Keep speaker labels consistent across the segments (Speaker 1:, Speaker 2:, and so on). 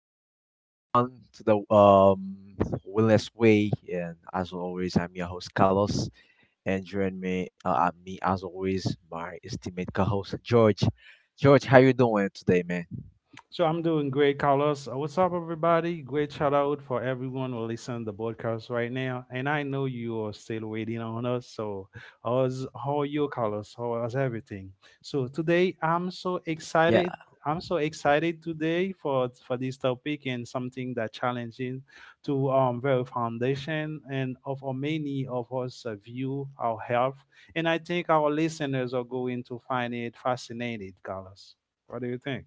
Speaker 1: Welcome everyone to the Wellness Way, and as always, I'm your host Carlos, and join me, me as always, my esteemed co-host George. George, how you doing today, man?
Speaker 2: So I'm doing great, Carlos. What's up, everybody? Great shout out for everyone who listen to the podcast right now. And I know you are still waiting on us. So, how are you, Carlos? How is everything? So today, I'm so excited. I'm so excited today for this topic and something that challenging to very foundation and of how many of us view our health. And I think our listeners are going to find it fascinating, Carlos. What do you think?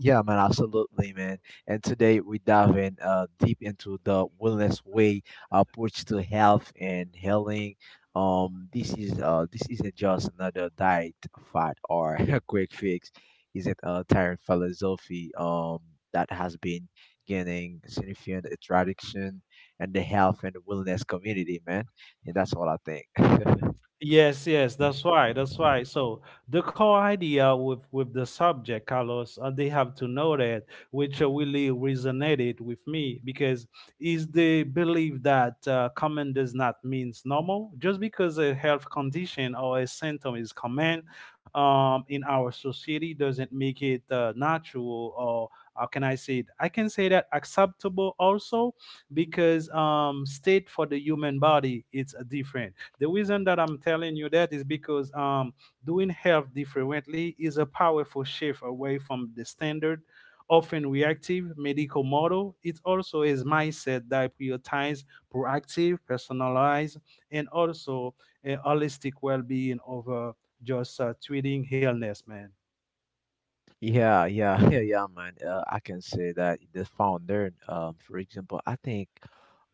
Speaker 1: Yeah, man, absolutely, man. And today we dive in deep into the wellness way approach to health and healing. This isn't just another diet, fad, or a quick fix. Isn't a tired philosophy that has been gaining significant attraction in the health and wellness community, man. And that's all I think.
Speaker 2: Yes, yes, that's why. So the core idea with the subject, Carlos, they have to know that, which really resonated with me because is the belief that common does not means normal. Just because a health condition or a symptom is common in our society doesn't make it natural or how can I say it? I can say that acceptable also because state for the human body it's different the reason that I'm telling you that is because doing health differently is a powerful shift away from the standard, often reactive medical model. It also is mindset that prioritize proactive, personalized, and also a holistic well-being over just treating illness, man.
Speaker 1: Yeah, yeah, yeah, yeah, man. I can say that the founder, for example, I think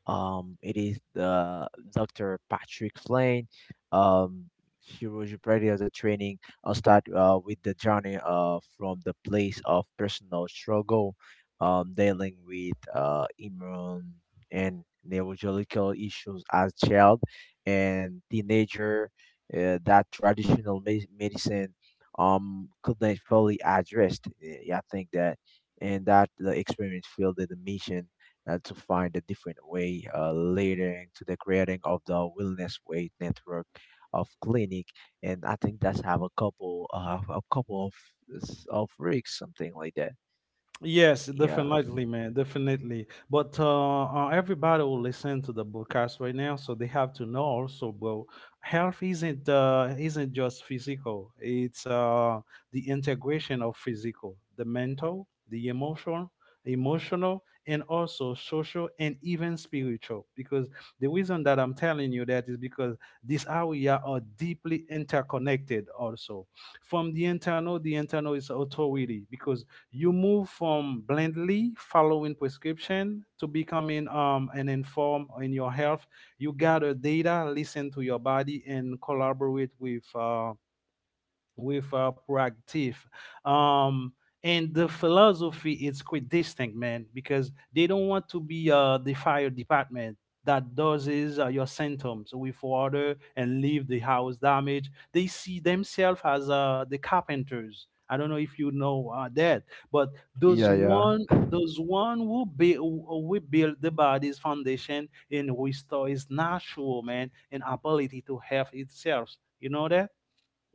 Speaker 1: um, it is the Dr. Patrick Flynn. Um, Hiroji Brady as a training. I'll start with the journey from the place of personal struggle, dealing with immune and neurological issues as child and teenager. That traditional medicine couldn't fully addressed. I think that and that the experiment fielded the mission to find a different way leading to the creating of the wellness way network of clinic, and I think that's have a couple of of rigs something like that.
Speaker 2: Yes,
Speaker 1: Yeah.
Speaker 2: definitely, man, definitely. But everybody will listen to the broadcast right now, so they have to know also, bro. Health isn't just physical; it's the integration of physical, the mental, the emotional, and also social and even spiritual. Because the reason that I'm telling you that is because these area are deeply interconnected. Also, from the internal is authority because you move from blindly following prescription to becoming an informed in your health. You gather data, listen to your body, and collaborate with proactive. Um, and the philosophy is quite distinct, man, because they don't want to be the fire department that doses your symptoms with water and leave the house damaged. They see themselves as the carpenters. I don't know if you know that, but
Speaker 1: Yeah, yeah.
Speaker 2: those one who be we build the body's foundation and restore its natural man and ability to help itself. You know that?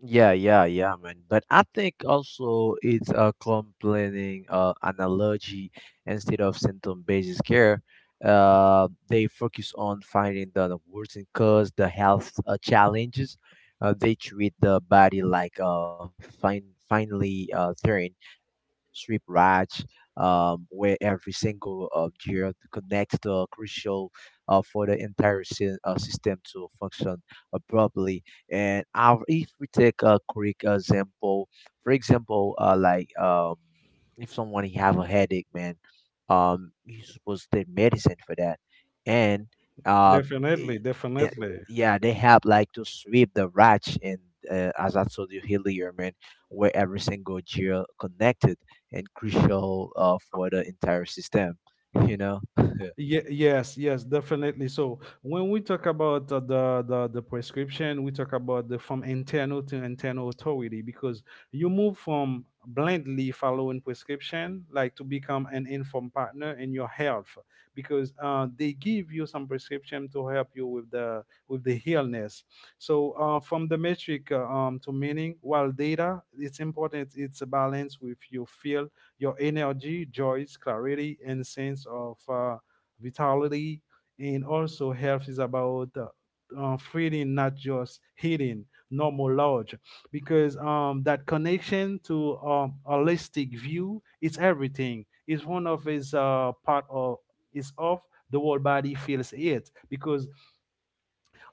Speaker 1: Yeah, yeah, yeah, man. But I think also it's a complaining analogy instead of symptom based care. They focus on finding the worsening cause, the health challenges. They treat the body like a fine, finely thread, strip ratch, where every single gear connects the crucial for the entire system to function properly. And our, if we take a quick example, for example like if someone he have a headache, man, he's supposed to take medicine for that. And um
Speaker 2: Definitely,
Speaker 1: y- th-
Speaker 2: definitely.
Speaker 1: yeah, they have like to sweep the rats and as I told you earlier, man, where every single geo connected and crucial for the entire system, you know.
Speaker 2: Yes, definitely. So when we talk about the prescription, we talk about the from internal to internal authority because you move from blindly following prescription like to become an informed partner in your health because they give you some prescription to help you with the illness. So from the metric to meaning, while data, it's important. It's a balance with your feel, your energy, joys, clarity, and sense of. Vitality, and also health is about feeling, not just healing, normal lodge, because that connection to holistic view is everything. It's one of his part of is of the whole body feels it because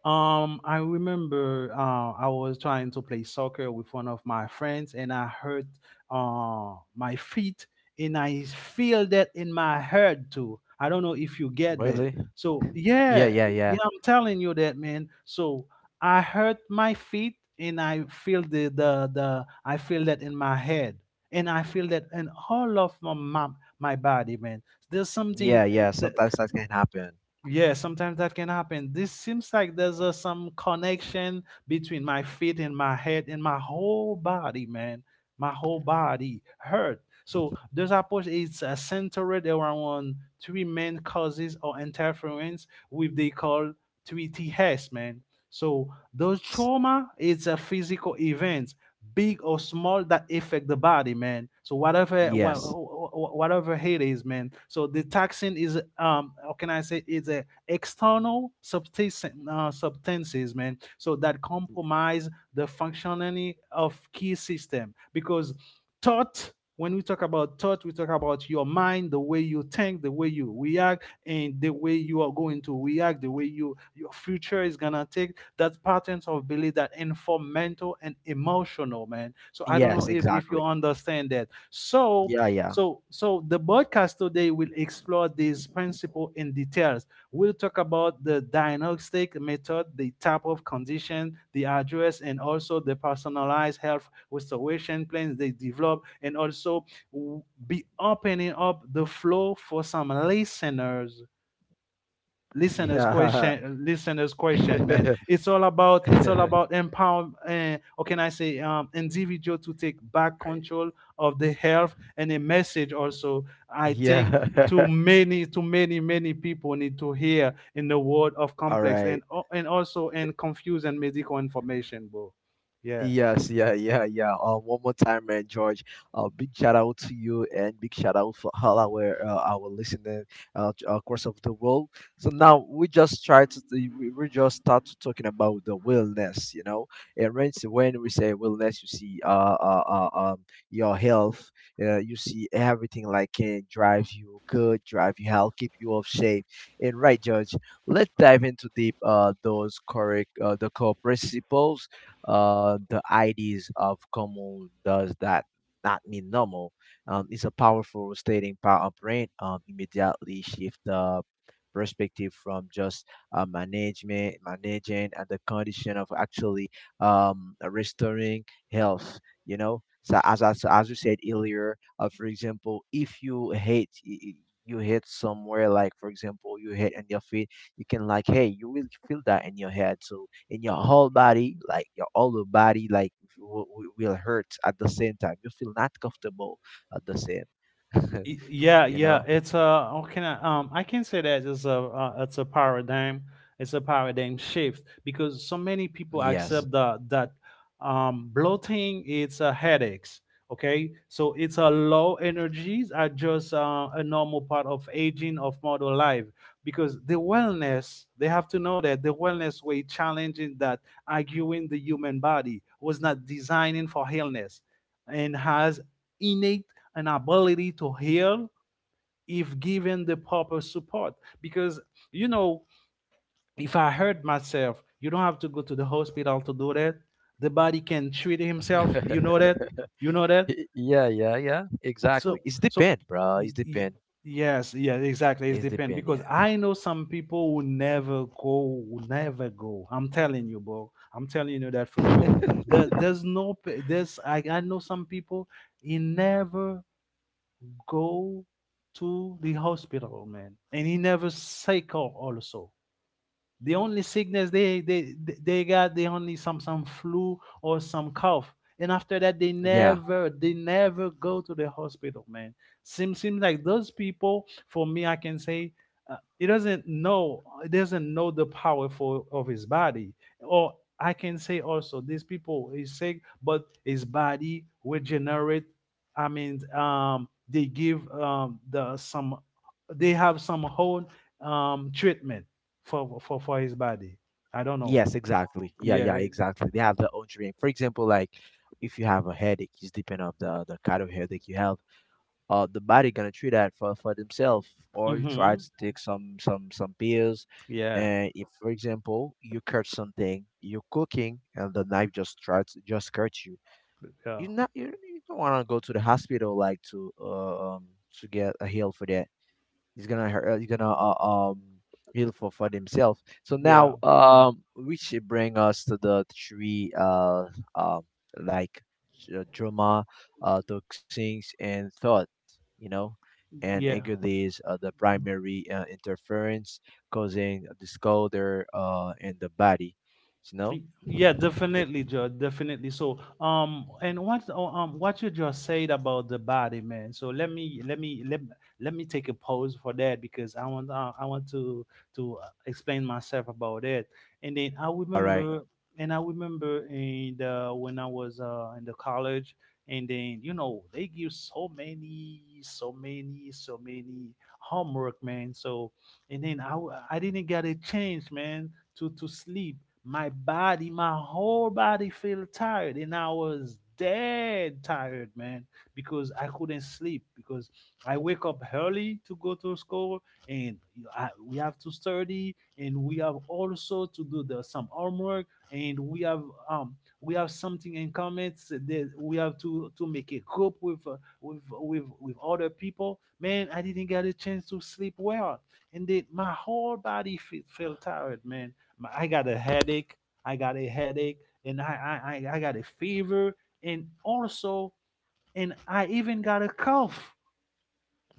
Speaker 2: I remember I was trying to play soccer with one of my friends, and I hurt my feet, and I feel that in my head too. I don't know if you get that.
Speaker 1: Really?
Speaker 2: So
Speaker 1: Yeah,
Speaker 2: yeah,
Speaker 1: yeah, yeah.
Speaker 2: yeah, I'm telling you that, man. So I hurt my feet, and I feel the I feel that in my head, and I feel that in all of my body, man. There's something.
Speaker 1: Yeah, yeah,
Speaker 2: That.
Speaker 1: sometimes that can happen.
Speaker 2: Yeah, sometimes that can happen. This seems like there's some connection between my feet and my head and my whole body, man. My whole body hurt. So this approach is centered around three main causes or interference with they call 3 Ts, man. So those trauma is a physical event big or small that affect the body man so whatever
Speaker 1: Yes.
Speaker 2: whatever it is man so the toxin is how can I say it's a external substance substances man so that compromise the functionality of key system because thought when we talk about thought we talk about your mind the way you think the way you react and the way you are going to react the way your future is gonna take that's patterns of belief that inform mental and emotional, man. So I don't know
Speaker 1: Yes,
Speaker 2: if you
Speaker 1: exactly.
Speaker 2: understand that. So
Speaker 1: Yeah, yeah.
Speaker 2: the podcast today will explore this principle in details. We'll talk about the diagnostic method, the type of condition, the address, and also the personalized health restoration plans they develop, and also be opening up the flow for some listeners
Speaker 1: Yeah.
Speaker 2: listeners question man it's all about empower or can I say individual to take back control of the health and a message also I think
Speaker 1: Yeah.
Speaker 2: too many many people need to hear in the world of
Speaker 1: All
Speaker 2: complex and
Speaker 1: right.
Speaker 2: also in confused and medical information bro yeah
Speaker 1: Yes, yeah, yeah, yeah. One more time, man, George. Big shout out to you and big shout out for all our listening across of the world. So now we just try to we just start to talking about the wellness, you know. And when we say wellness, you see uh, uh um your health, you see everything like can drive you good, drive you health, keep you of shape. And right, George, let's dive into deep those correct the core principles, the ideas of common does that not mean normal. It's a powerful stating power of brain, immediately shift the perspective from just managing and the condition of actually restoring health, you know. So as you said earlier, for example, if you hate, you hit somewhere like, for example, you hit in your feet, you can like, hey, you will feel that in your head. So in your whole body, like your whole body, like will hurt at the same time. You feel not comfortable at the same.
Speaker 2: Yeah,
Speaker 1: You
Speaker 2: yeah,
Speaker 1: know.
Speaker 2: it's a how can I can say that it's a it's a paradigm shift because so many people
Speaker 1: Yes.
Speaker 2: accept that bloating it's a headaches okay so it's a low energies are just a normal part of aging of modern life because the wellness they have to know that the wellness way challenging that arguing the human body was not designing for illness and has innate an ability to heal if given the proper support. Because, you know, if I hurt myself, you don't have to go to the hospital to do that. The body can treat himself. You know that? You know that?
Speaker 1: Yeah, yeah, yeah. Exactly.
Speaker 2: So,
Speaker 1: It's
Speaker 2: so,
Speaker 1: depend, bro.
Speaker 2: y-
Speaker 1: It's
Speaker 2: y-
Speaker 1: depend.
Speaker 2: yes, yeah, exactly. It's
Speaker 1: It's
Speaker 2: depend
Speaker 1: depend.
Speaker 2: because I know some people who never go. I'm telling you, bro. I'm telling you that for sure. There,
Speaker 1: Yeah.
Speaker 2: there's no, p- there's, I know some people, he never go to the hospital, man. And he never cycle also. The only sickness they got they only some flu or some cough. And after that
Speaker 1: Yeah.
Speaker 2: they never go to the hospital, man. Seems like those people, for me, I can say he doesn't know the power for of his body. Or I can say also these people is sick, but his body regenerate. I mean, they give the some they have some whole treatment for his body. I don't know.
Speaker 1: Yes. Exactly. Yeah. Yeah.
Speaker 2: Yeah.
Speaker 1: Exactly. They have their own dream. For example, like if you have a headache, it's depend of the kind of headache you have. The body gonna treat that for themselves, or you try
Speaker 2: Hmm.
Speaker 1: to take some pills.
Speaker 2: Yeah.
Speaker 1: And if, for example, you cut something, you're cooking, and the knife just tries just cuts you,
Speaker 2: Yeah.
Speaker 1: you not you, you don't want to go to the hospital like to get a heal for that. He's gonna um heal for himself. So now
Speaker 2: Yeah.
Speaker 1: which should bring us to the three um like drama, toxins and thought, you know, and
Speaker 2: Yeah.
Speaker 1: anger. These are the primary interference causing disorder in the body, you know.
Speaker 2: Yeah, definitely, Joe. Definitely. So, and what you just said about the body, man. So let me take a pause for that because I want to explain myself about it. And then I
Speaker 1: All right,
Speaker 2: remember and I remember in the when I was in the college, and then you know they give so many homework, man. So and then I didn't get a chance, man, to sleep my body, my whole body felt tired, and I was dead tired, man, because I couldn't sleep. Because I wake up early to go to school, and we have to study, and we have also to do some homework, and we have something in common. So that we have to make a group with with other people. Man, I didn't get a chance to sleep well, and then my whole body felt tired, man my- I got a headache. I got a headache, and I got a fever, and also, and I even got a cough,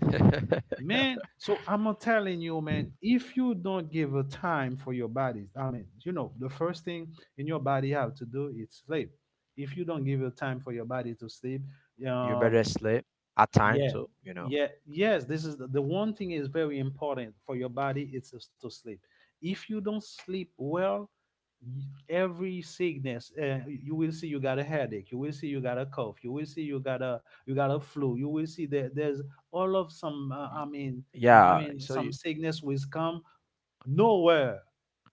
Speaker 2: man. So I'm not telling you, man. If you don't give a time for your body, I mean, you know, the first thing in your body have to do is sleep. If you don't give a time for your body to sleep,
Speaker 1: you better
Speaker 2: um,
Speaker 1: sleep at time
Speaker 2: yeah,
Speaker 1: too, you know.
Speaker 2: yeah, yes. This is the one thing is very important for your body. It's is to sleep. If you don't sleep well, every sickness, you will see you got a headache, you will see you got a cough, you will see you got a, you got a flu, you will see that there's all of some
Speaker 1: Y- Yeah, so
Speaker 2: some
Speaker 1: you,
Speaker 2: sickness will come nowhere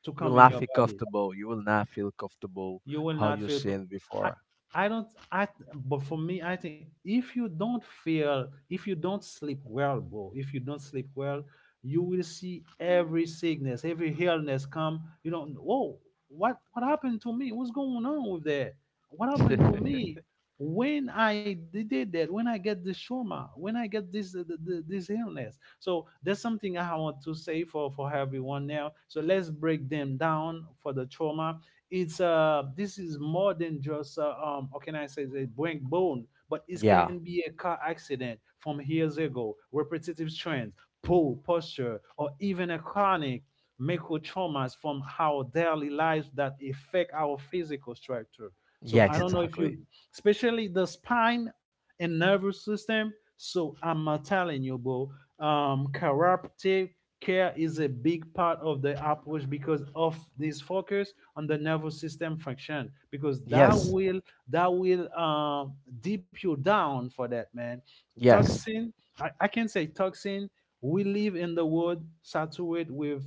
Speaker 2: to
Speaker 1: You will
Speaker 2: come in
Speaker 1: not
Speaker 2: your
Speaker 1: feel
Speaker 2: body.
Speaker 1: comfortable. You will not feel comfortable
Speaker 2: You will
Speaker 1: how
Speaker 2: not
Speaker 1: you
Speaker 2: feel co-
Speaker 1: seen
Speaker 2: i
Speaker 1: before.
Speaker 2: I don't I But for me, I think if you don't feel, if you don't sleep well, bro, if you don't sleep well, you will see every sickness, every illness come. You don't know. Whoa, what happened to me, what's going on with that, what happened to me when I did that, when I get this trauma, when I get this this illness. So that's something I want to say for everyone now. So let's break them down. For the trauma, it's this is more than just how can I say, a break bone, but it can
Speaker 1: Yeah.
Speaker 2: be a car accident from years ago, repetitive trends, poor posture, or even a chronic microtraumas from our daily lives that affect our physical structure. So
Speaker 1: Yes,
Speaker 2: I don't know if
Speaker 1: exactly.
Speaker 2: you, especially the spine and nervous system. So I'm telling you, bro, chiropractic care is a big part of the approach because of this focus on the nervous system function, because that
Speaker 1: Yes.
Speaker 2: will, that will deep you down for that, man.
Speaker 1: Yes.
Speaker 2: Toxin. I can say toxin. We live in the world saturated with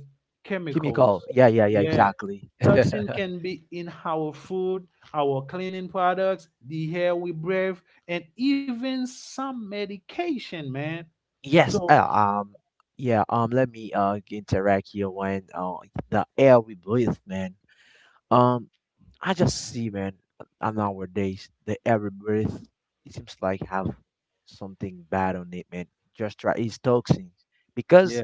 Speaker 1: Give me a call.
Speaker 2: chemicals.
Speaker 1: Yeah, yeah, yeah,
Speaker 2: Yeah,
Speaker 1: exactly.
Speaker 2: toxin can be in our food, our cleaning products, the air we breathe, and even some medication, man.
Speaker 1: Yes,
Speaker 2: So
Speaker 1: yeah, let me interact here when the air we breathe, man. Um, I just see, man, nowadays the air we breathe, it seems like have something bad on it, man. Just try, it's toxins
Speaker 2: yeah.
Speaker 1: because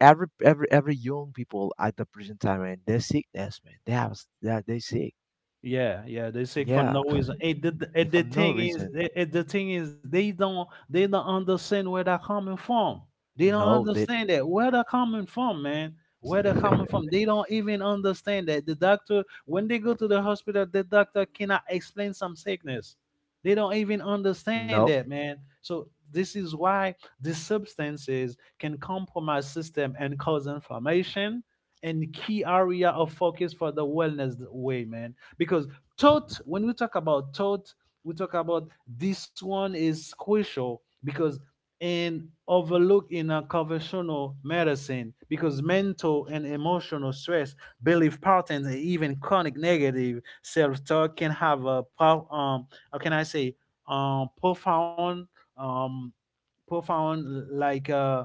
Speaker 1: every young people at the present time, man, they're sickness, man, they have they sick.
Speaker 2: Yeah, yeah, they sick for
Speaker 1: Yeah.
Speaker 2: no reason. And
Speaker 1: If
Speaker 2: the
Speaker 1: for no
Speaker 2: thing is,
Speaker 1: reason.
Speaker 2: and the thing is, they don't understand where they're coming from. They don't
Speaker 1: No, they.
Speaker 2: understand that, where they're coming from, man. Where they're coming from, they don't even understand that the doctor, when they go to the hospital, the doctor cannot explain some sickness. They don't even
Speaker 1: No.
Speaker 2: understand that, man. So this is why these substances can compromise system and cause inflammation, and key area of focus for the wellness way, man, because thought, when we talk about thought, we talk about, this one is crucial because in overlook in a conventional medicine, because mental and emotional stress, belief patterns, and even chronic negative self-talk can have a how can I say, profound, um profound,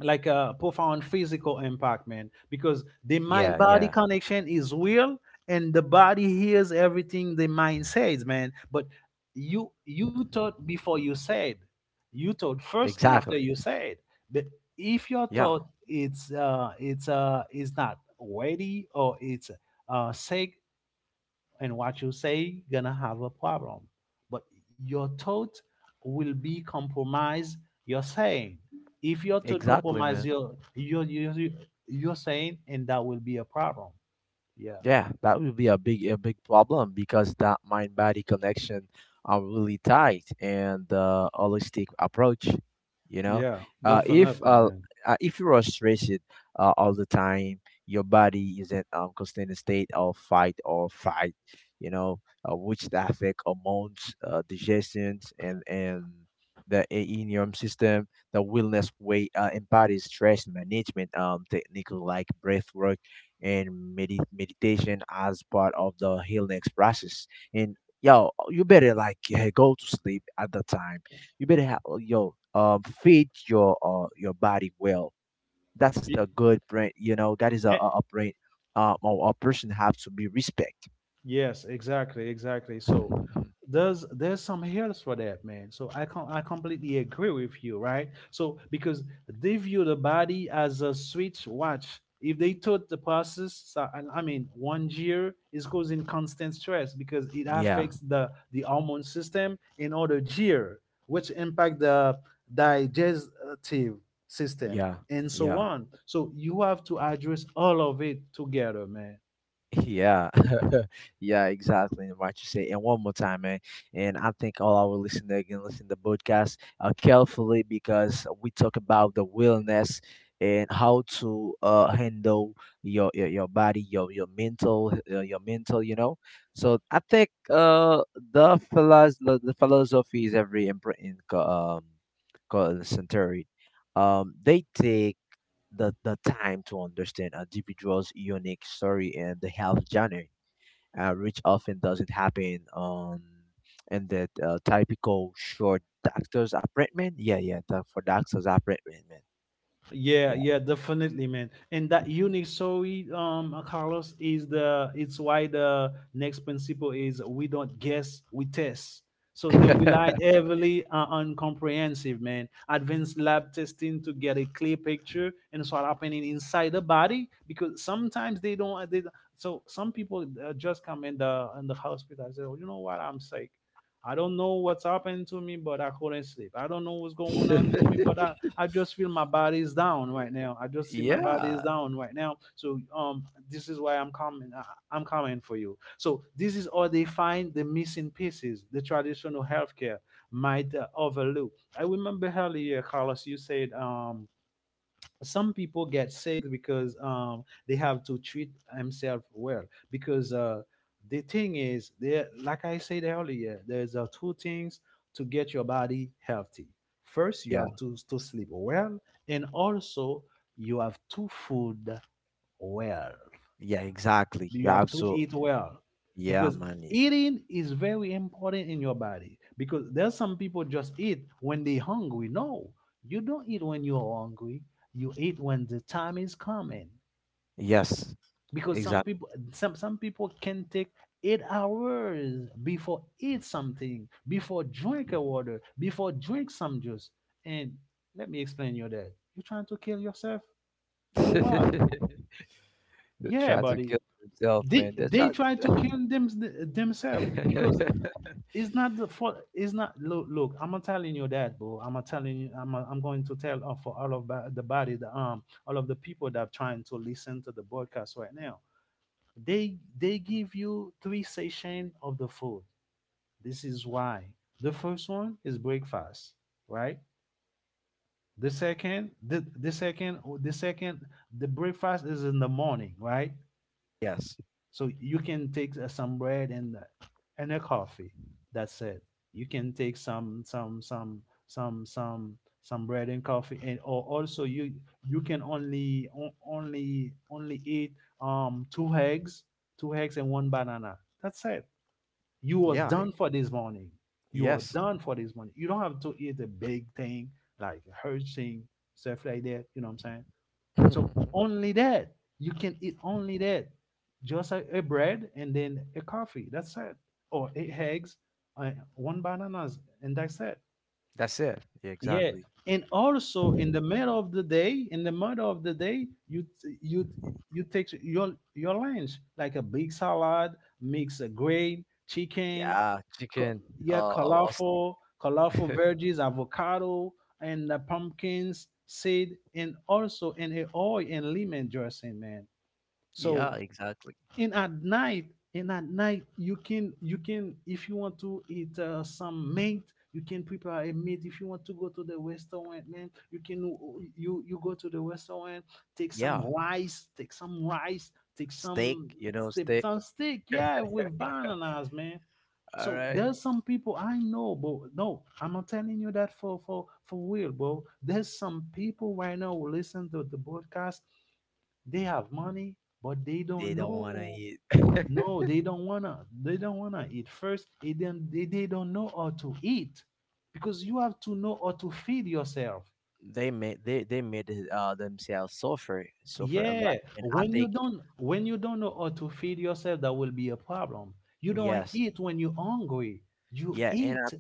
Speaker 2: like a profound physical impact, man, because the
Speaker 1: Yeah,
Speaker 2: mind
Speaker 1: yeah.
Speaker 2: body connection is real, and the body hears everything the mind says, man. But you thought before you said, you thought first and
Speaker 1: Exactly.
Speaker 2: after you said. But if your
Speaker 1: Yeah,
Speaker 2: thought, it's is not ready, or it's sick, and what you say gonna have a problem. But your thought will be compromised, you're saying. If your thought
Speaker 1: exactly,
Speaker 2: compromise
Speaker 1: man.
Speaker 2: your your saying, and that will be a problem. Yeah.
Speaker 1: Yeah, that would be a big problem because that mind body connection are really tight and the holistic approach, you know.
Speaker 2: Yeah,
Speaker 1: If
Speaker 2: definitely, man.
Speaker 1: if you are stressed all the time, your body is in constant state of fight or fight, you know, which affect hormones, digestions, and the in your system. The wellness way embodies stress management technique like breath work and meditation as part of the healing process. And yo, you better like go to sleep at the time. You better have, yo, feed your body well. That's the good brain. You know that is
Speaker 2: Yeah.
Speaker 1: a brain. Or a person have to be respect.
Speaker 2: Yes, exactly, exactly. So there's some health for that, man. So I I completely agree with you, right? So because they view the body as a switch watch. If they thought the process, so- and I mean, 1 year is causing constant stress because it
Speaker 1: Yeah,
Speaker 2: affects the hormone system in other gear, which impact the digestive system
Speaker 1: yeah,
Speaker 2: and so
Speaker 1: yeah.
Speaker 2: on. So you have to address all of it together, man.
Speaker 1: Yeah, yeah, exactly. And what you say, and one more time, man. And I think all our listeners can listen to the podcast carefully because we talk about the wellness and how to handle your body, your mental. You know, so I think uh the philosophy is every important called century. They take the time to understand an individual's unique story and the health journey, which often doesn't happen on in that typical short doctor's appointment. Yeah, yeah, the, for doctor's appointment,
Speaker 2: Yeah,
Speaker 1: man.
Speaker 2: yeah, definitely, man. And that unique story, Carlos, is the, it's why the next principle is, we don't guess, we test. So they rely
Speaker 1: Yeah.
Speaker 2: heavily on comprehensive, man, advanced lab testing to get a clear picture and so happening inside the body, because sometimes they don't. They don't- so some people just come in the, in the hospital and say, "Oh, you know what? I'm sick. I don't know what's happened to me, but I couldn't sleep. I don't know what's going on to me, but I just feel my body is down right now. I just see my body is
Speaker 1: Yeah.
Speaker 2: down right now." So this is why I'm coming. I'm coming for you. So this is how they find the missing pieces the traditional healthcare might overlook. I remember earlier, Carlos, you said some people get sick because they have to treat themselves well, because the thing is, there, like I said earlier, there's two things to get your body healthy. First, you
Speaker 1: Yeah.
Speaker 2: have to sleep well, and also you have to food well,
Speaker 1: Yeah, exactly.
Speaker 2: you
Speaker 1: Yeah,
Speaker 2: have to
Speaker 1: absolutely.
Speaker 2: eat well,
Speaker 1: Yeah,
Speaker 2: because
Speaker 1: man. Yeah.
Speaker 2: eating is very important in your body. Because there's some people just eat when they hungry. No, you don't eat when you're hungry. You eat when the time is coming.
Speaker 1: Yes,
Speaker 2: Because some
Speaker 1: exactly.
Speaker 2: people, some people can take 8 hours before eat something, before drink a water, before drink some juice. And let me explain you that. You're trying to kill yourself for what?
Speaker 1: They
Speaker 2: Yeah,
Speaker 1: try to
Speaker 2: buddy.
Speaker 1: kill themselves,
Speaker 2: they
Speaker 1: man. They try.
Speaker 2: they try to kill them themselves, because it's not the fault, it's not, look, look, I'm not telling you that, bro, I'm not telling you. I'm going to tell for all of the body, the all of the people that are trying to listen to the broadcast right now. They give you 3 session of the food. This is why the first one is breakfast, right? The second, the second, the breakfast is in the morning, right?
Speaker 1: Yes.
Speaker 2: So you can take some bread and a coffee. That's it. You can take some bread and coffee, and or also you can only only eat 2 eggs, 2 eggs and 1 banana. That's it. You are
Speaker 1: Yeah.
Speaker 2: done for this morning. You are
Speaker 1: Yes.
Speaker 2: done for this morning. You don't have to eat a big thing, like a huge thing, stuff like that. You know what I'm saying? So only that. You can eat only that. Just a bread and then a coffee. That's it. Or 8 eggs, 1 bananas, and that's it.
Speaker 1: That's it. Yeah,
Speaker 2: Yeah.
Speaker 1: exactly.
Speaker 2: And also in the middle of the day, in the middle of the day, you take your lunch, like a big salad, mix a grain, chicken,
Speaker 1: Yeah, chicken.
Speaker 2: co- yeah,
Speaker 1: Uh, or, or
Speaker 2: colorful, colorful
Speaker 1: st-
Speaker 2: veggies, avocado, and the pumpkins seed, and also in the oil and lemon dressing, man.
Speaker 1: yeah,
Speaker 2: So
Speaker 1: exactly.
Speaker 2: and at night, and at night, you can if you want to eat some meat, you can prepare a meat. If you want to go to the restaurant, man, you can you, you go to the restaurant, take some
Speaker 1: Yeah,
Speaker 2: rice, take some rice, take
Speaker 1: steak.
Speaker 2: some
Speaker 1: You know, steak.
Speaker 2: some steak, yeah, with bananas, man.
Speaker 1: All
Speaker 2: So
Speaker 1: right.
Speaker 2: there's some people I know, bro. No, I'm not telling you that, for real, bro. There's some people right now who listen to the broadcast. They have money, but they
Speaker 1: They
Speaker 2: don't
Speaker 1: don't want to
Speaker 2: know.
Speaker 1: eat.
Speaker 2: No, they don't wanna. They don't wanna eat first. And then they don't know how to eat, because you have to know how to feed yourself.
Speaker 1: They made they made it, themselves suffer suffer a lot,
Speaker 2: Yeah,
Speaker 1: and I
Speaker 2: when you
Speaker 1: think
Speaker 2: don't, when you don't know how to feed yourself, that will be a problem. You don't
Speaker 1: yes,
Speaker 2: eat when you're hungry. You
Speaker 1: yeah, and
Speaker 2: eat,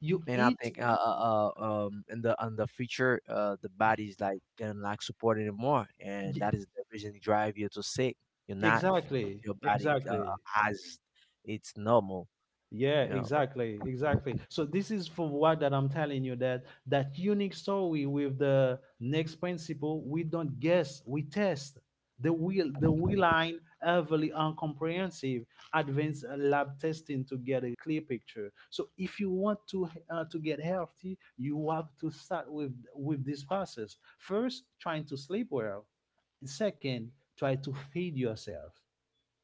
Speaker 2: you
Speaker 1: And I
Speaker 2: eat.
Speaker 1: think in the on the future the body's like gonna lack support anymore, and
Speaker 2: y-
Speaker 1: that is the reason they drive you to sick. You're not f-
Speaker 2: Exactly,
Speaker 1: Your body
Speaker 2: exactly.
Speaker 1: as it's normal, you
Speaker 2: Yeah,
Speaker 1: know.
Speaker 2: exactly, exactly. So this is for what, that I'm telling you, that that unique story with the next principle, we don't guess, we test. The wheel line heavily on comprehensive advanced lab testing to get a clear picture. So if you want to get healthy, you have to start with this process. First, trying to sleep well. Second, try to feed yourself,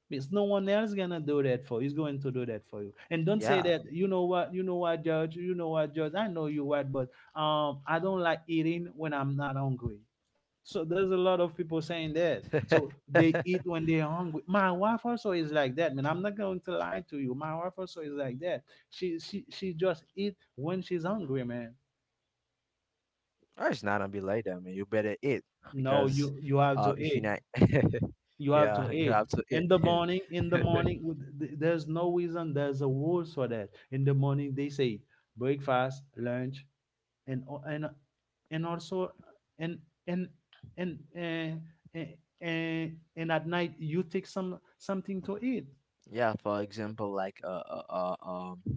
Speaker 2: because no one else gonna do that for you. He's going to do that for you. And don't say
Speaker 1: Yeah.
Speaker 2: that, you know what, Judge, you know what, Judge, I know you what, but I don't like eating when I'm not hungry. So there's a lot of people saying that. So they eat when they're hungry. My wife also is like that. Man, I'm not going to lie to you. My wife also is like that. She just eat when she's hungry, man.
Speaker 1: No, it's not gonna be like that, man. You better eat because
Speaker 2: No, you
Speaker 1: if
Speaker 2: you
Speaker 1: you're
Speaker 2: have
Speaker 1: not,
Speaker 2: to eat.
Speaker 1: yeah,
Speaker 2: You
Speaker 1: you
Speaker 2: have
Speaker 1: have
Speaker 2: to
Speaker 1: to
Speaker 2: eat
Speaker 1: eat, man.
Speaker 2: in the morning, in the morning, there's no reason, there's a rules for that, in the morning, they say breakfast, lunch, and and also, and and and and and, and, and at night you take some something to eat.
Speaker 1: Yeah, for example, like uh, um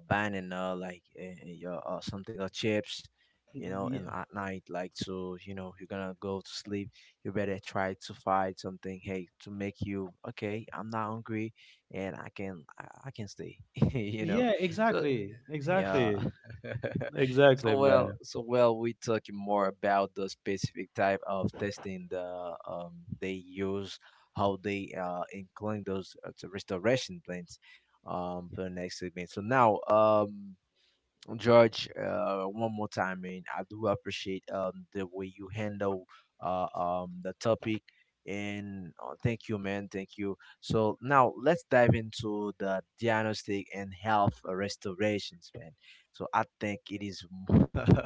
Speaker 1: a banana, like your something or chips, you know,
Speaker 2: Yeah,
Speaker 1: and at night, like so, you know, you're gonna go to sleep. You better try to find something, hey, to make you okay. I'm not hungry, and I can I can stay, you know.
Speaker 2: yeah,
Speaker 1: So
Speaker 2: exactly,
Speaker 1: Yeah.
Speaker 2: exactly, exactly,
Speaker 1: So
Speaker 2: man.
Speaker 1: well, so well, we talking more about the specific type of testing the they use, how they incline those to restoration plans, for the next segment. So now, George, one more time, man. I do appreciate the way you handle the topic, and thank you, man. Thank you. So now let's dive into the diagnostic and health restorations, man. So I think it is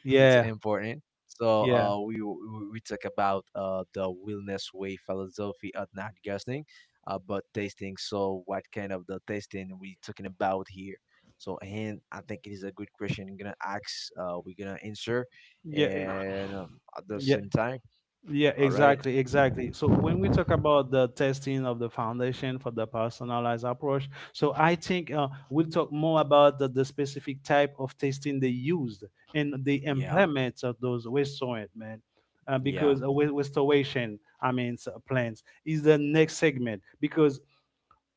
Speaker 1: it's
Speaker 2: Yeah,
Speaker 1: important. So
Speaker 2: yeah,
Speaker 1: we talk about the wellness way philosophy of not guessing, but tasting. So what kind of the tasting we talking about here? So and I think it is a good question. I'm gonna ask. We're gonna answer,
Speaker 2: yeah,
Speaker 1: and at the
Speaker 2: yeah.
Speaker 1: same time,
Speaker 2: Yeah,
Speaker 1: all right.
Speaker 2: exactly, exactly. So when we talk about the testing of the foundation for the personalized approach, so I think we'll talk more about the specific type of testing they used, and the
Speaker 1: Yeah,
Speaker 2: implements of those restaurant, man.
Speaker 1: yeah,
Speaker 2: Because with restoration, I mean, plans is the next segment. Because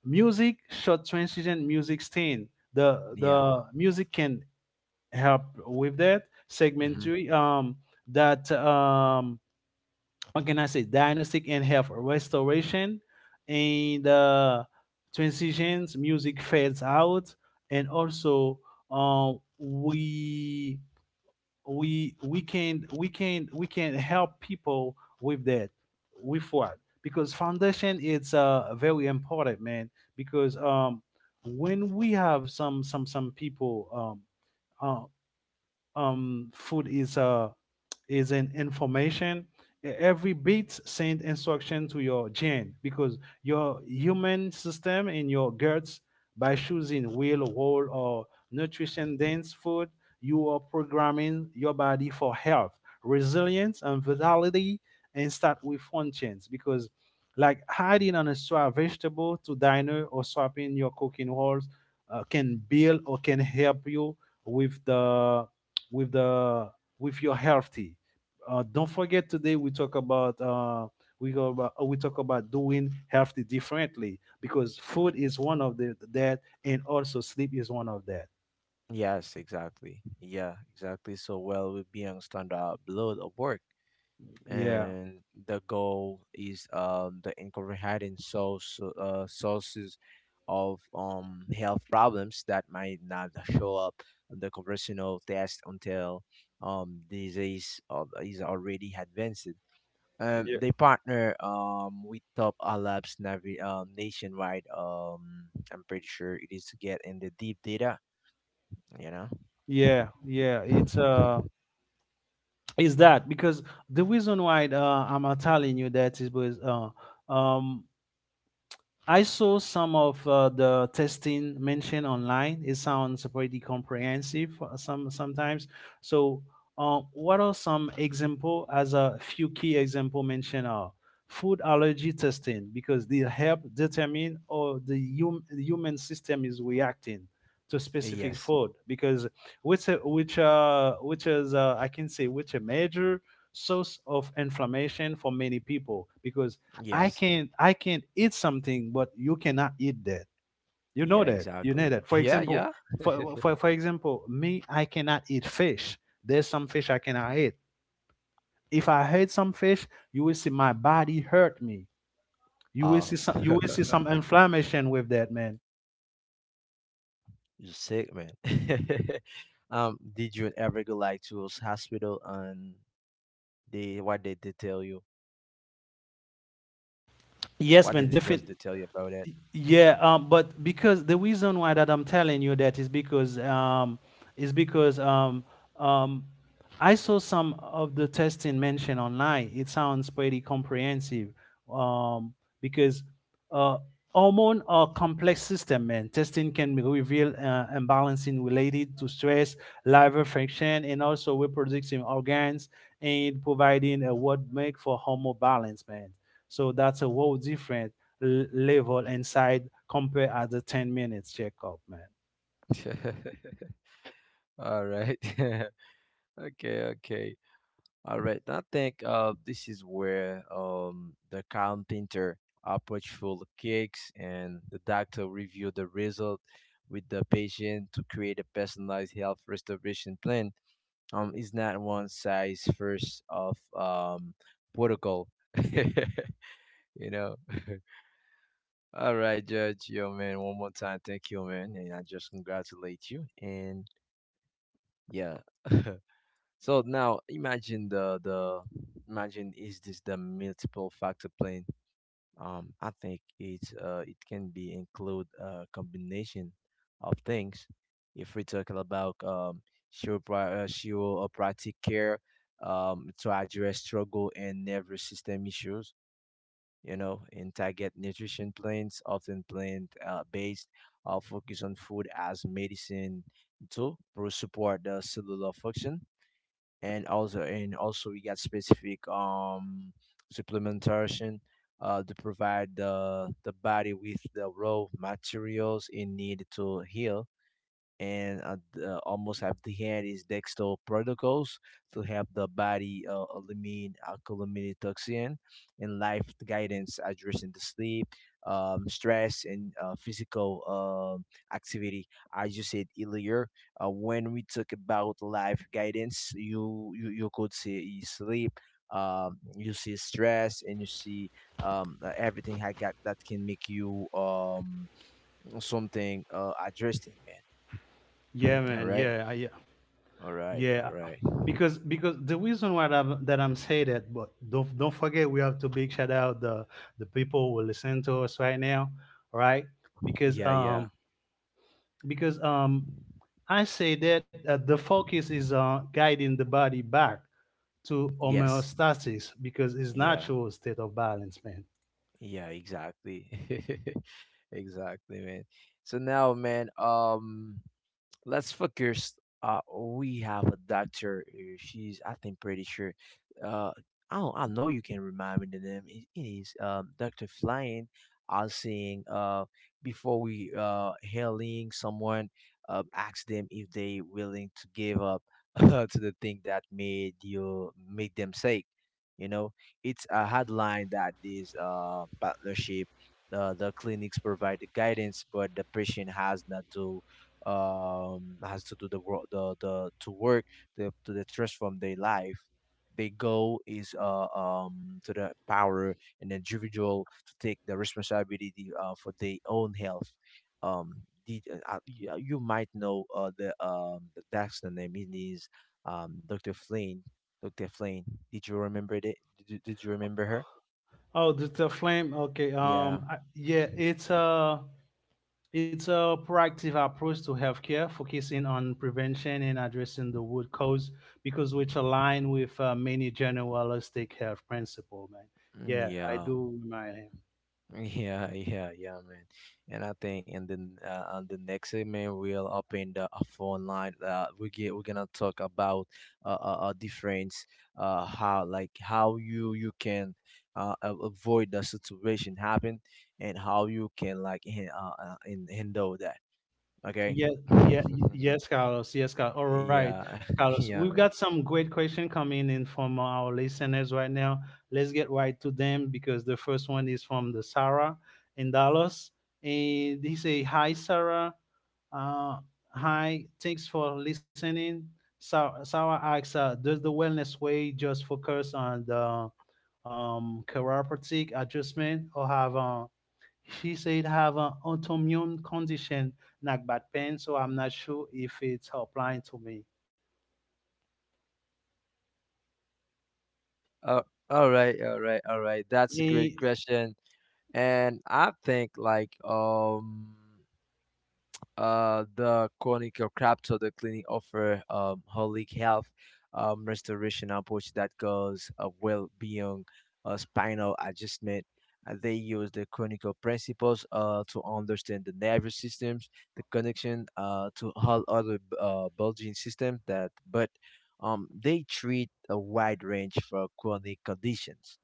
Speaker 2: music, short transition music stain,
Speaker 1: yeah.
Speaker 2: the music can help with that
Speaker 1: Hmm.
Speaker 2: segmentary, that what can I say, diagnostic and health restoration, and transitions, music fades out, and also uh, we, we can help people with that, with what? Because foundation, it's uh, very important, man, because when we have some some people uh, food is an information. Every bit send instruction to your gene, because your human system in your guts, by choosing real, whole, or nutrition dense food, you are programming your body for health, resilience, and vitality, and start with functions because. Like hiding on a straw vegetable to diner, or swapping your cooking oils can build, or can help you with the, with the, with your healthy. Don't forget, today we talk about we talk about doing healthy differently because food is one of the that and also sleep is one of that.
Speaker 1: Yes, exactly. Yeah, exactly. So well, we be on standard blood of work,
Speaker 2: Yeah,
Speaker 1: and the goal is the incorporating sources of health problems that might not show up on the conventional test until disease is already advanced.
Speaker 2: Yeah.
Speaker 1: They partner with top labs, nationwide. I'm pretty sure it is to get in the deep data, you know.
Speaker 2: Yeah. It's is that because the reason why I'm telling you that is because um I saw some of the testing mentioned online. It sounds pretty comprehensive sometimes. So, what are some example as a few key example mentioned are food allergy testing because they help determine how the human system is reacting to specific
Speaker 1: Yes.
Speaker 2: food because which is I can say which a major source of inflammation for many people because I
Speaker 1: Yes.
Speaker 2: can eat something, but you cannot eat that. You know
Speaker 1: Yeah,
Speaker 2: that. You know
Speaker 1: exactly.
Speaker 2: that. For
Speaker 1: Yeah,
Speaker 2: example,
Speaker 1: yeah.
Speaker 2: for example, me, I cannot eat fish. There's some fish I cannot eat. If I eat some fish, you will see my body hurt me.
Speaker 1: Oh.
Speaker 2: You will see some inflammation with that, man.
Speaker 1: You're sick, man. Did you ever go like to a hospital, and they, what did they tell you? What did the
Speaker 2: Yes, man,
Speaker 1: judge do
Speaker 2: different.
Speaker 1: tell you about it?
Speaker 2: Yeah, but because the reason why that I'm telling you that is because is because um, um, I saw some of the testing mentioned online. It sounds pretty comprehensive um, because uh, hormone or complex system, man, testing can reveal imbalancing related to stress, liver function, and also reproductive organs, and providing a what make for hormone balance, man. So that's a whole different level inside compared at the 10 minutes checkup, man.
Speaker 1: All right. Okay, okay. All right. I think this is where the carpenter approach full cakes and the doctor review the result with the patient to create a personalized health restoration plan. Is not one size first of protocol. You know, all right, judge, yo man, one more time, thank you, man. And I just congratulate you. And yeah. So now imagine the imagine is this the multiple factor plane. I think it's it can be include a combination of things. If we're talking about she will practice care to address struggle and nervous system issues. You know, and target nutrition plans, often plant based, focus on food as medicine to support the cellular function. And also we got specific supplementation to provide the body with the raw materials it need to heal. And almost have the end is dextro protocols to help the body eliminate alkalamine toxin and life guidance addressing the sleep, stress, and physical activity. As you said earlier, when we talk about life guidance, you could see sleep. You see stress and you see everything I got that can make you something addressing, man.
Speaker 2: Yeah,
Speaker 1: All
Speaker 2: man.
Speaker 1: right. All right, all
Speaker 2: Yeah.
Speaker 1: right.
Speaker 2: Because the reason why that I'm saying that, but don't forget we have to big shout out the people who listen to us right now, right? Because
Speaker 1: Yeah, yeah.
Speaker 2: um because I say that the focus is on guiding the body back to
Speaker 1: Yes.
Speaker 2: homeostasis because it's
Speaker 1: Yeah.
Speaker 2: natural state of balance, man.
Speaker 1: Yeah, exactly. Exactly, man. So now, man, let's focus. We have a doctor. She's, I think, pretty sure. Uh, I don't, I know you can remind me the name. It is Doctor Flying. I was saying before we hailing someone, ask them if they willing to give up to the thing that made you make them sick. You know, it's a headline that is partnership. The clinics provide the guidance, but the patient has not to has to do the work the to work the to the stress from their life. Their goal is to the power and individual to take the responsibility for their own health. um you you might know the doctor name is Dr. Flynn. Dr. Flynn, did you remember it did, did you remember her?
Speaker 2: Oh, the flame. Okay.
Speaker 1: Yeah.
Speaker 2: Yeah, it's a proactive approach to healthcare, focusing on prevention and addressing the root cause, because which align with many generalistic health principle, man.
Speaker 1: Mm,
Speaker 2: Yeah, I
Speaker 1: yeah.
Speaker 2: do remind him.
Speaker 1: Yeah, yeah, yeah, man. And I think, and then on the next segment, we'll open the phone line. We're gonna talk about difference, how like how you can avoid the situation happen, and how you can like handle that. Okay.
Speaker 2: Yeah, yes, Carlos. Yes, Carlos. All right,
Speaker 1: Yeah,
Speaker 2: Carlos.
Speaker 1: yeah,
Speaker 2: We've
Speaker 1: man.
Speaker 2: got some great question coming in from our listeners right now. Let's get right to them because the first one is from the Sarah in Dallas, and he say, "Hi, Sarah. Uh, hi. Thanks for listening." Sarah asks, "Does the Wellness Way just focus on the chiropractic adjustment, or have she said have an autoimmune condition, not bad pain, so I'm not sure if it's applying to me.
Speaker 1: Uh, all right, all right, all right. That's a
Speaker 2: Eh,
Speaker 1: great question, and I think like the chronic or crap so the clinic offer holistic health restoration approach that goes well beyond spinal adjustment. They use the clinical principles to understand the nervous systems, the connection to all other bulging systems. That but they treat a wide range for chronic conditions.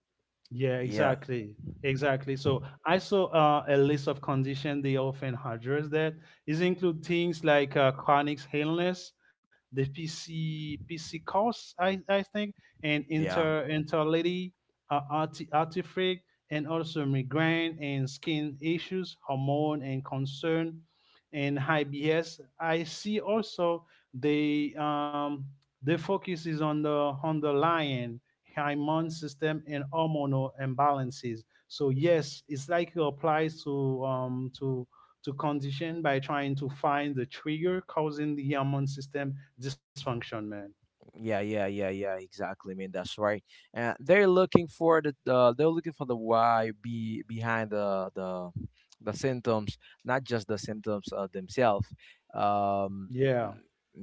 Speaker 2: Yeah,
Speaker 1: Yeah,
Speaker 2: exactly. Exactly. So I saw a list of conditions they often address that is include things like chronic illness, the PC costs, I think, and
Speaker 1: yeah.
Speaker 2: inter intelity, uh, artifric, and also migraine and skin issues, hormone and concern, and IBS. I see also they the focus is on the lion immune system and hormonal imbalances. So yes, it's like it applies to to condition by trying to find the trigger causing the hormone system dysfunction, man.
Speaker 1: Yeah, yeah, yeah, yeah. Exactly. I mean, that's right. And they're looking for the they're looking for the why be behind the symptoms, not just the symptoms themselves. Um,
Speaker 2: Yeah,
Speaker 1: mm,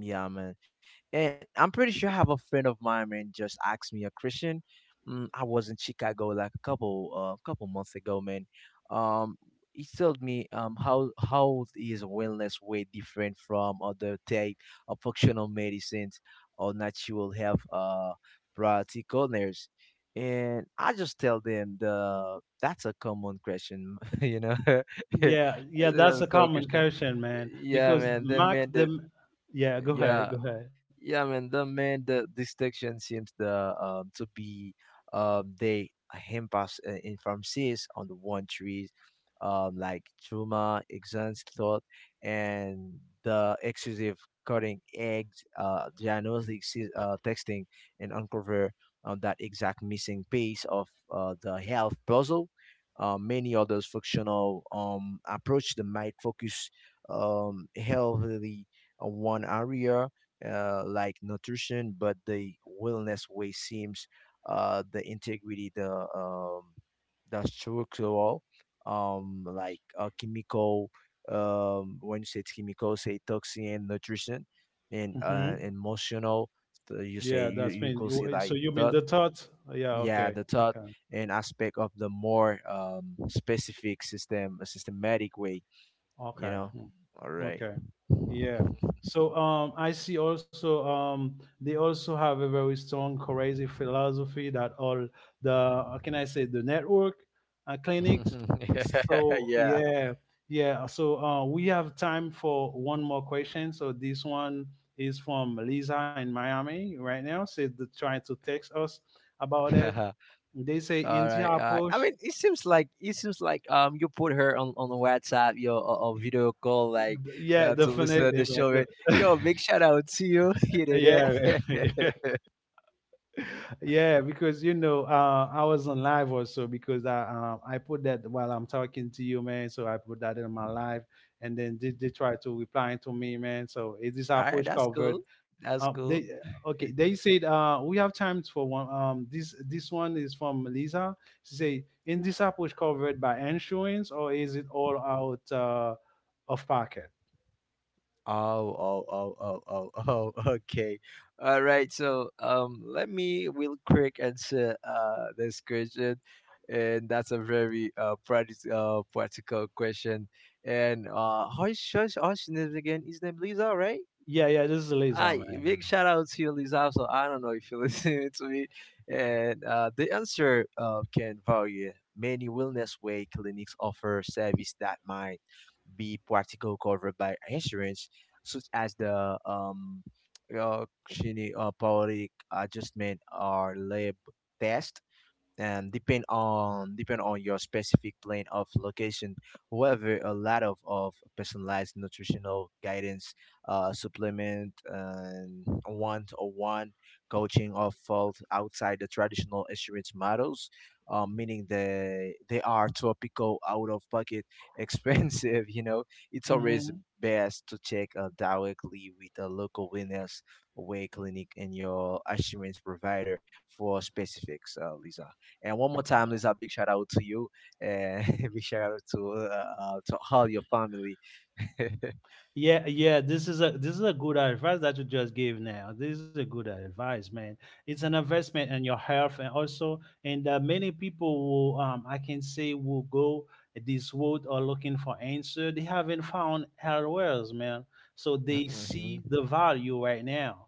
Speaker 1: yeah, man. And I'm pretty sure I have a friend of mine, man, just asked me a question. Mm, I was in Chicago like a couple couple months ago, man. Um, he told me how is wellness way different from other type of functional medicines or natural health practitioners. And I just tell them the that's a common question, you know. That's
Speaker 2: yeah. That's
Speaker 1: a
Speaker 2: a
Speaker 1: common
Speaker 2: common
Speaker 1: question.
Speaker 2: question, man.
Speaker 1: Yeah,
Speaker 2: Because
Speaker 1: man. The
Speaker 2: mark
Speaker 1: man that
Speaker 2: them. Yeah, go ahead,
Speaker 1: yeah,
Speaker 2: go ahead.
Speaker 1: yeah, man, the distinction seems the to be they impasse in pharmacies on the one trees, like trauma, exams thought, and the exclusive cutting eggs, diagnostic texting, and uncover that exact missing piece of the health puzzle. Many others functional approach that might focus healthily on one area like nutrition, but the wellness way seems the integrity, the structural, like chemical. When you say chemical, say toxin, nutrition, and
Speaker 2: Hmm.
Speaker 1: emotional. You
Speaker 2: Yeah,
Speaker 1: say
Speaker 2: that's been.
Speaker 1: you could say
Speaker 2: So
Speaker 1: like
Speaker 2: you mean the
Speaker 1: that.
Speaker 2: thought? Yeah.
Speaker 1: Yeah,
Speaker 2: Okay.
Speaker 1: the thought
Speaker 2: Okay.
Speaker 1: and aspect of the more specific system, a systematic way. You
Speaker 2: Okay.
Speaker 1: know.
Speaker 2: Hmm.
Speaker 1: All right.
Speaker 2: Okay. Yeah. So I see also they also have a very strong, crazy philosophy that all the how can I say the network clinics. So
Speaker 1: Yeah.
Speaker 2: yeah, yeah. So we have time for one more question. So this one is from Lisa in Miami right now. Said they trying to text us about it. They say
Speaker 1: All
Speaker 2: India
Speaker 1: right. All right. I
Speaker 2: approach.
Speaker 1: mean, it seems like you put her on WhatsApp, your or video call, like
Speaker 2: Yeah,
Speaker 1: to listen to
Speaker 2: definitely.
Speaker 1: the
Speaker 2: Right.
Speaker 1: show. Right?
Speaker 2: The-
Speaker 1: Yo, big shout out to you. You know
Speaker 2: yeah.
Speaker 1: that.
Speaker 2: Yeah, because you know, I was on live also because I put that while I'm talking to you, man. So I put that in my live, and then they try to reply to me, man. So is this
Speaker 1: All right.
Speaker 2: approach
Speaker 1: That's cool.
Speaker 2: covered?
Speaker 1: That's
Speaker 2: They
Speaker 1: cool.
Speaker 2: okay. They said we have times for one. This one is from Lisa. She say, "In this approach covered by insurance, or is it all out of pocket?"
Speaker 1: Oh, oh. Okay. All right. So, let me real quick answer this question, and that's a very practical question. And how's your name again? His name Lisa, right?
Speaker 2: Yeah, yeah. This is Lisa,
Speaker 1: I
Speaker 2: man.
Speaker 1: big shout out to you, Lisa. So I don't know if you're listening to me.
Speaker 2: Yeah.
Speaker 1: And the answer can vary. Many wellness way clinics offer service that might be practical covered by insurance, such as the Cheney, periodic adjustment or lab test, and depend on your specific plan of location. However, a lot of personalized nutritional guidance, supplement and one-to-one coaching are felt outside the traditional insurance models, meaning they are topical out of pocket expensive, you know. It's always
Speaker 2: Mm-hmm.
Speaker 1: best to check directly with a local wellness way clinic and your insurance provider for specifics, Lisa. And one more time, there's a big shout out to you, and big shout out to all your family.
Speaker 2: Yeah, yeah, this is a good advice that you just gave now. This is a good advice, man. It's an investment in your health, and also and many people will I can say will go this road or looking for answer. They haven't found health wells, man. So they see
Speaker 1: Mm-hmm.
Speaker 2: the value right now.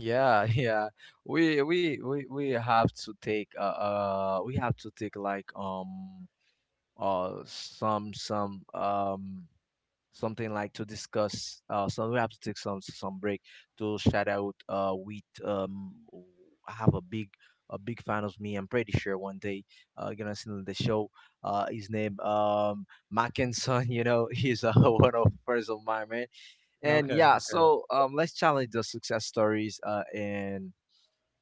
Speaker 1: Yeah, yeah. We have to take we have to take like some something like to discuss. So we have to take some break to shout out. With I have a big fan of me. I'm pretty sure one day gonna see him on the show. His name Mackinson. You know, he's one of friends of mine, man. And
Speaker 2: Okay,
Speaker 1: yeah,
Speaker 2: okay.
Speaker 1: so let's challenge the success stories.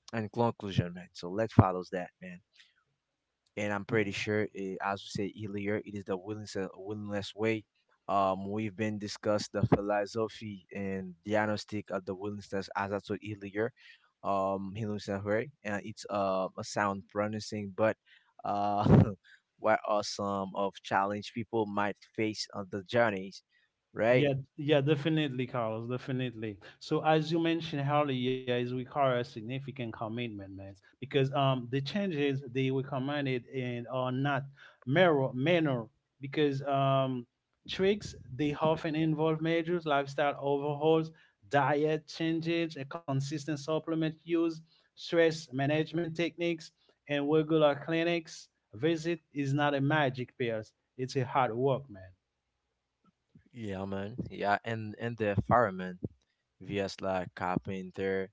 Speaker 1: And conclusion, man. So let's follow that, man. And I'm pretty sure, eh, as we said earlier, it is the willingness, willingness way. We've been discussed the philosophy and diagnostic of the willingness, as I said earlier. Willingness way, and it's a sound pronouncing, but uh, what are some of challenge people might face on the journeys, right?
Speaker 2: Yeah, yeah, definitely, Carlos, definitely. So as you mentioned earlier, it requires significant commitment, man, because the changes they recommended and are not mirror minor because tricks they often involve measures, lifestyle overhauls, diet changes, a consistent supplement use, stress management techniques, and regular clinics visit is not a magic pills. It's a hard work, man.
Speaker 1: Yeah, man. Yeah, and the fireman, vs like carpenter,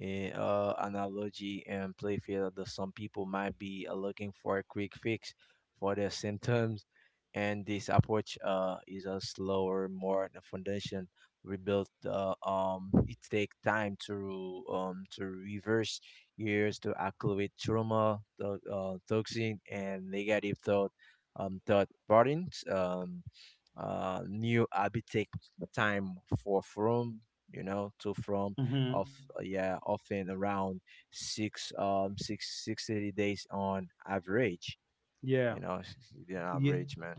Speaker 1: eh, analogy and playfield. That some people might be looking for a quick fix for their symptoms, and this approach is a slower, more the foundation rebuilt. It takes time to reverse years to acclimate trauma, to, toxin and negative thought, thought patterns. New habit take time for from you know to from
Speaker 2: Hmm.
Speaker 1: of yeah often around six six thirty days on average,
Speaker 2: Yeah.
Speaker 1: you know. The
Speaker 2: Yeah,
Speaker 1: average, man.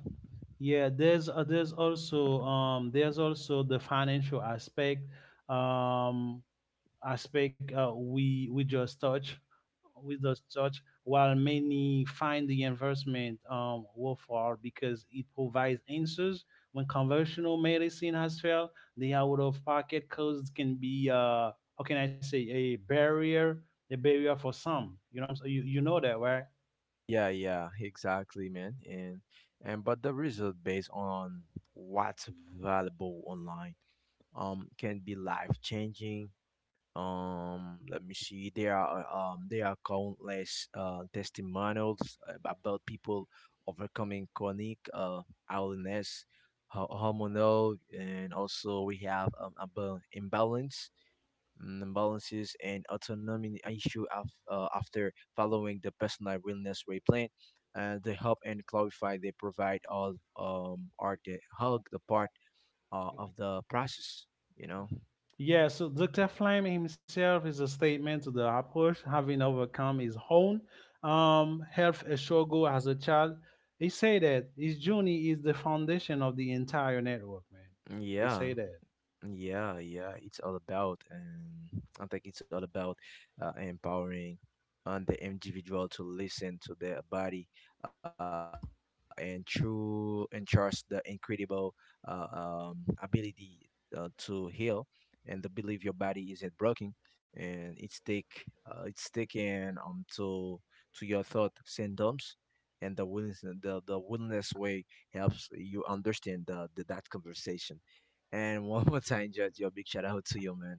Speaker 2: yeah. There's also the financial aspect um aspect uh, we we just touch we just touch while many find the investment worthwhile because it provides answers when conventional medicine has failed. The out of pocket costs can be how can I say a barrier for some. You know what I'm you, you know that, right?
Speaker 1: Yeah, yeah, exactly, man. And but the result based on what's valuable online can be life changing. Let me see. There are countless testimonials about people overcoming chronic illness, hormonal, and also we have about imbalance, mm, balances and autonomy issue after following the personal wellness way plan. They help and clarify. They provide all or they hug the part of the process. You know.
Speaker 2: Yeah, so Dr. Flame himself is a statement to the approach, having overcome his own health struggle as a child. He say that his journey is the foundation of the entire network, man. I
Speaker 1: Yeah.
Speaker 2: say that.
Speaker 1: Yeah, yeah, it's all about, and I think it's all about empowering on the individual to listen to their body and true and trust the incredible ability to heal and the believe your body isn't broken and it's take it's taken to your thought symptoms, and the willingness the willingness way helps you understand the that conversation. And one more time, judge, your big shout out to you, man.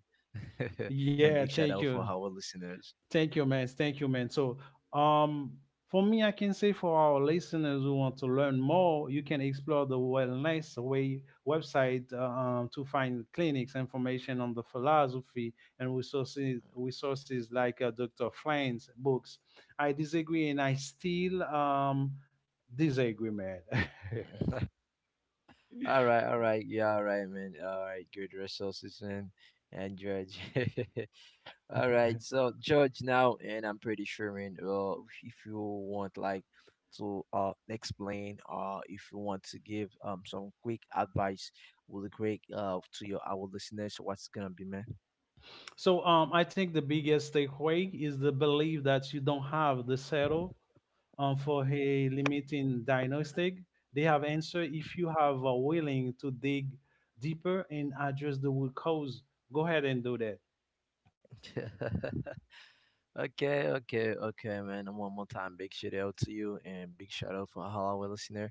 Speaker 1: And
Speaker 2: Yeah,
Speaker 1: big shout
Speaker 2: thank
Speaker 1: out for
Speaker 2: you.
Speaker 1: our listeners.
Speaker 2: Thank you, man. Thank you, man. So, um, for me, I can say for our listeners who want to learn more, you can explore the Wellness Way website, to find clinics, information on the philosophy, and resources like Dr. Flynn's books. I disagree, and I still disagree, man.
Speaker 1: All right, all right, yeah, all right, man. All right, good resources, man. And George. All right, so George now, and I'm pretty sure, man. If you want, like, to explain, or if you want to give some quick advice, really quick, to your our listeners, what's gonna be, man?
Speaker 2: So I think the biggest takeaway is the belief that you don't have the settle for a limiting diagnostic. They have answer if you have are willing to dig deeper and address the root cause. Go ahead and do that.
Speaker 1: Okay, okay, okay, man. And one more time, big shout out to you and big shout out for Halawa listener.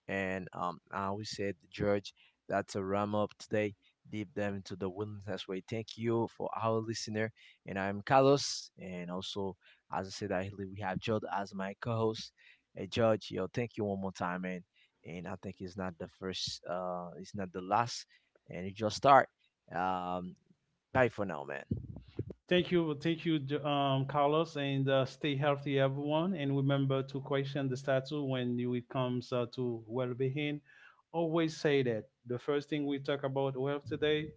Speaker 1: And I always said, George, that's a wrap up today. Deep dive into the wilderness way. Thank you for our listener. And I'm Carlos. And also, as I said, we have George as my co host. Hey, George, yo, thank you one more time, man. And I think it's not the first, it's not the last. And it just start. Um, Bye for now, man.
Speaker 2: Thank you, Carlos, and stay healthy, everyone. And remember to question the status when it comes to well-being. Always say that the first thing we talk about wealth today,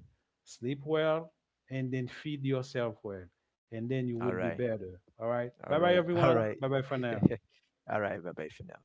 Speaker 2: sleep well, and then feed yourself well, and then you will
Speaker 1: All
Speaker 2: be
Speaker 1: right.
Speaker 2: better. All right,
Speaker 1: All
Speaker 2: bye bye,
Speaker 1: right. All
Speaker 2: everyone.
Speaker 1: right.
Speaker 2: Bye bye for now.
Speaker 1: All right. Bye bye for now.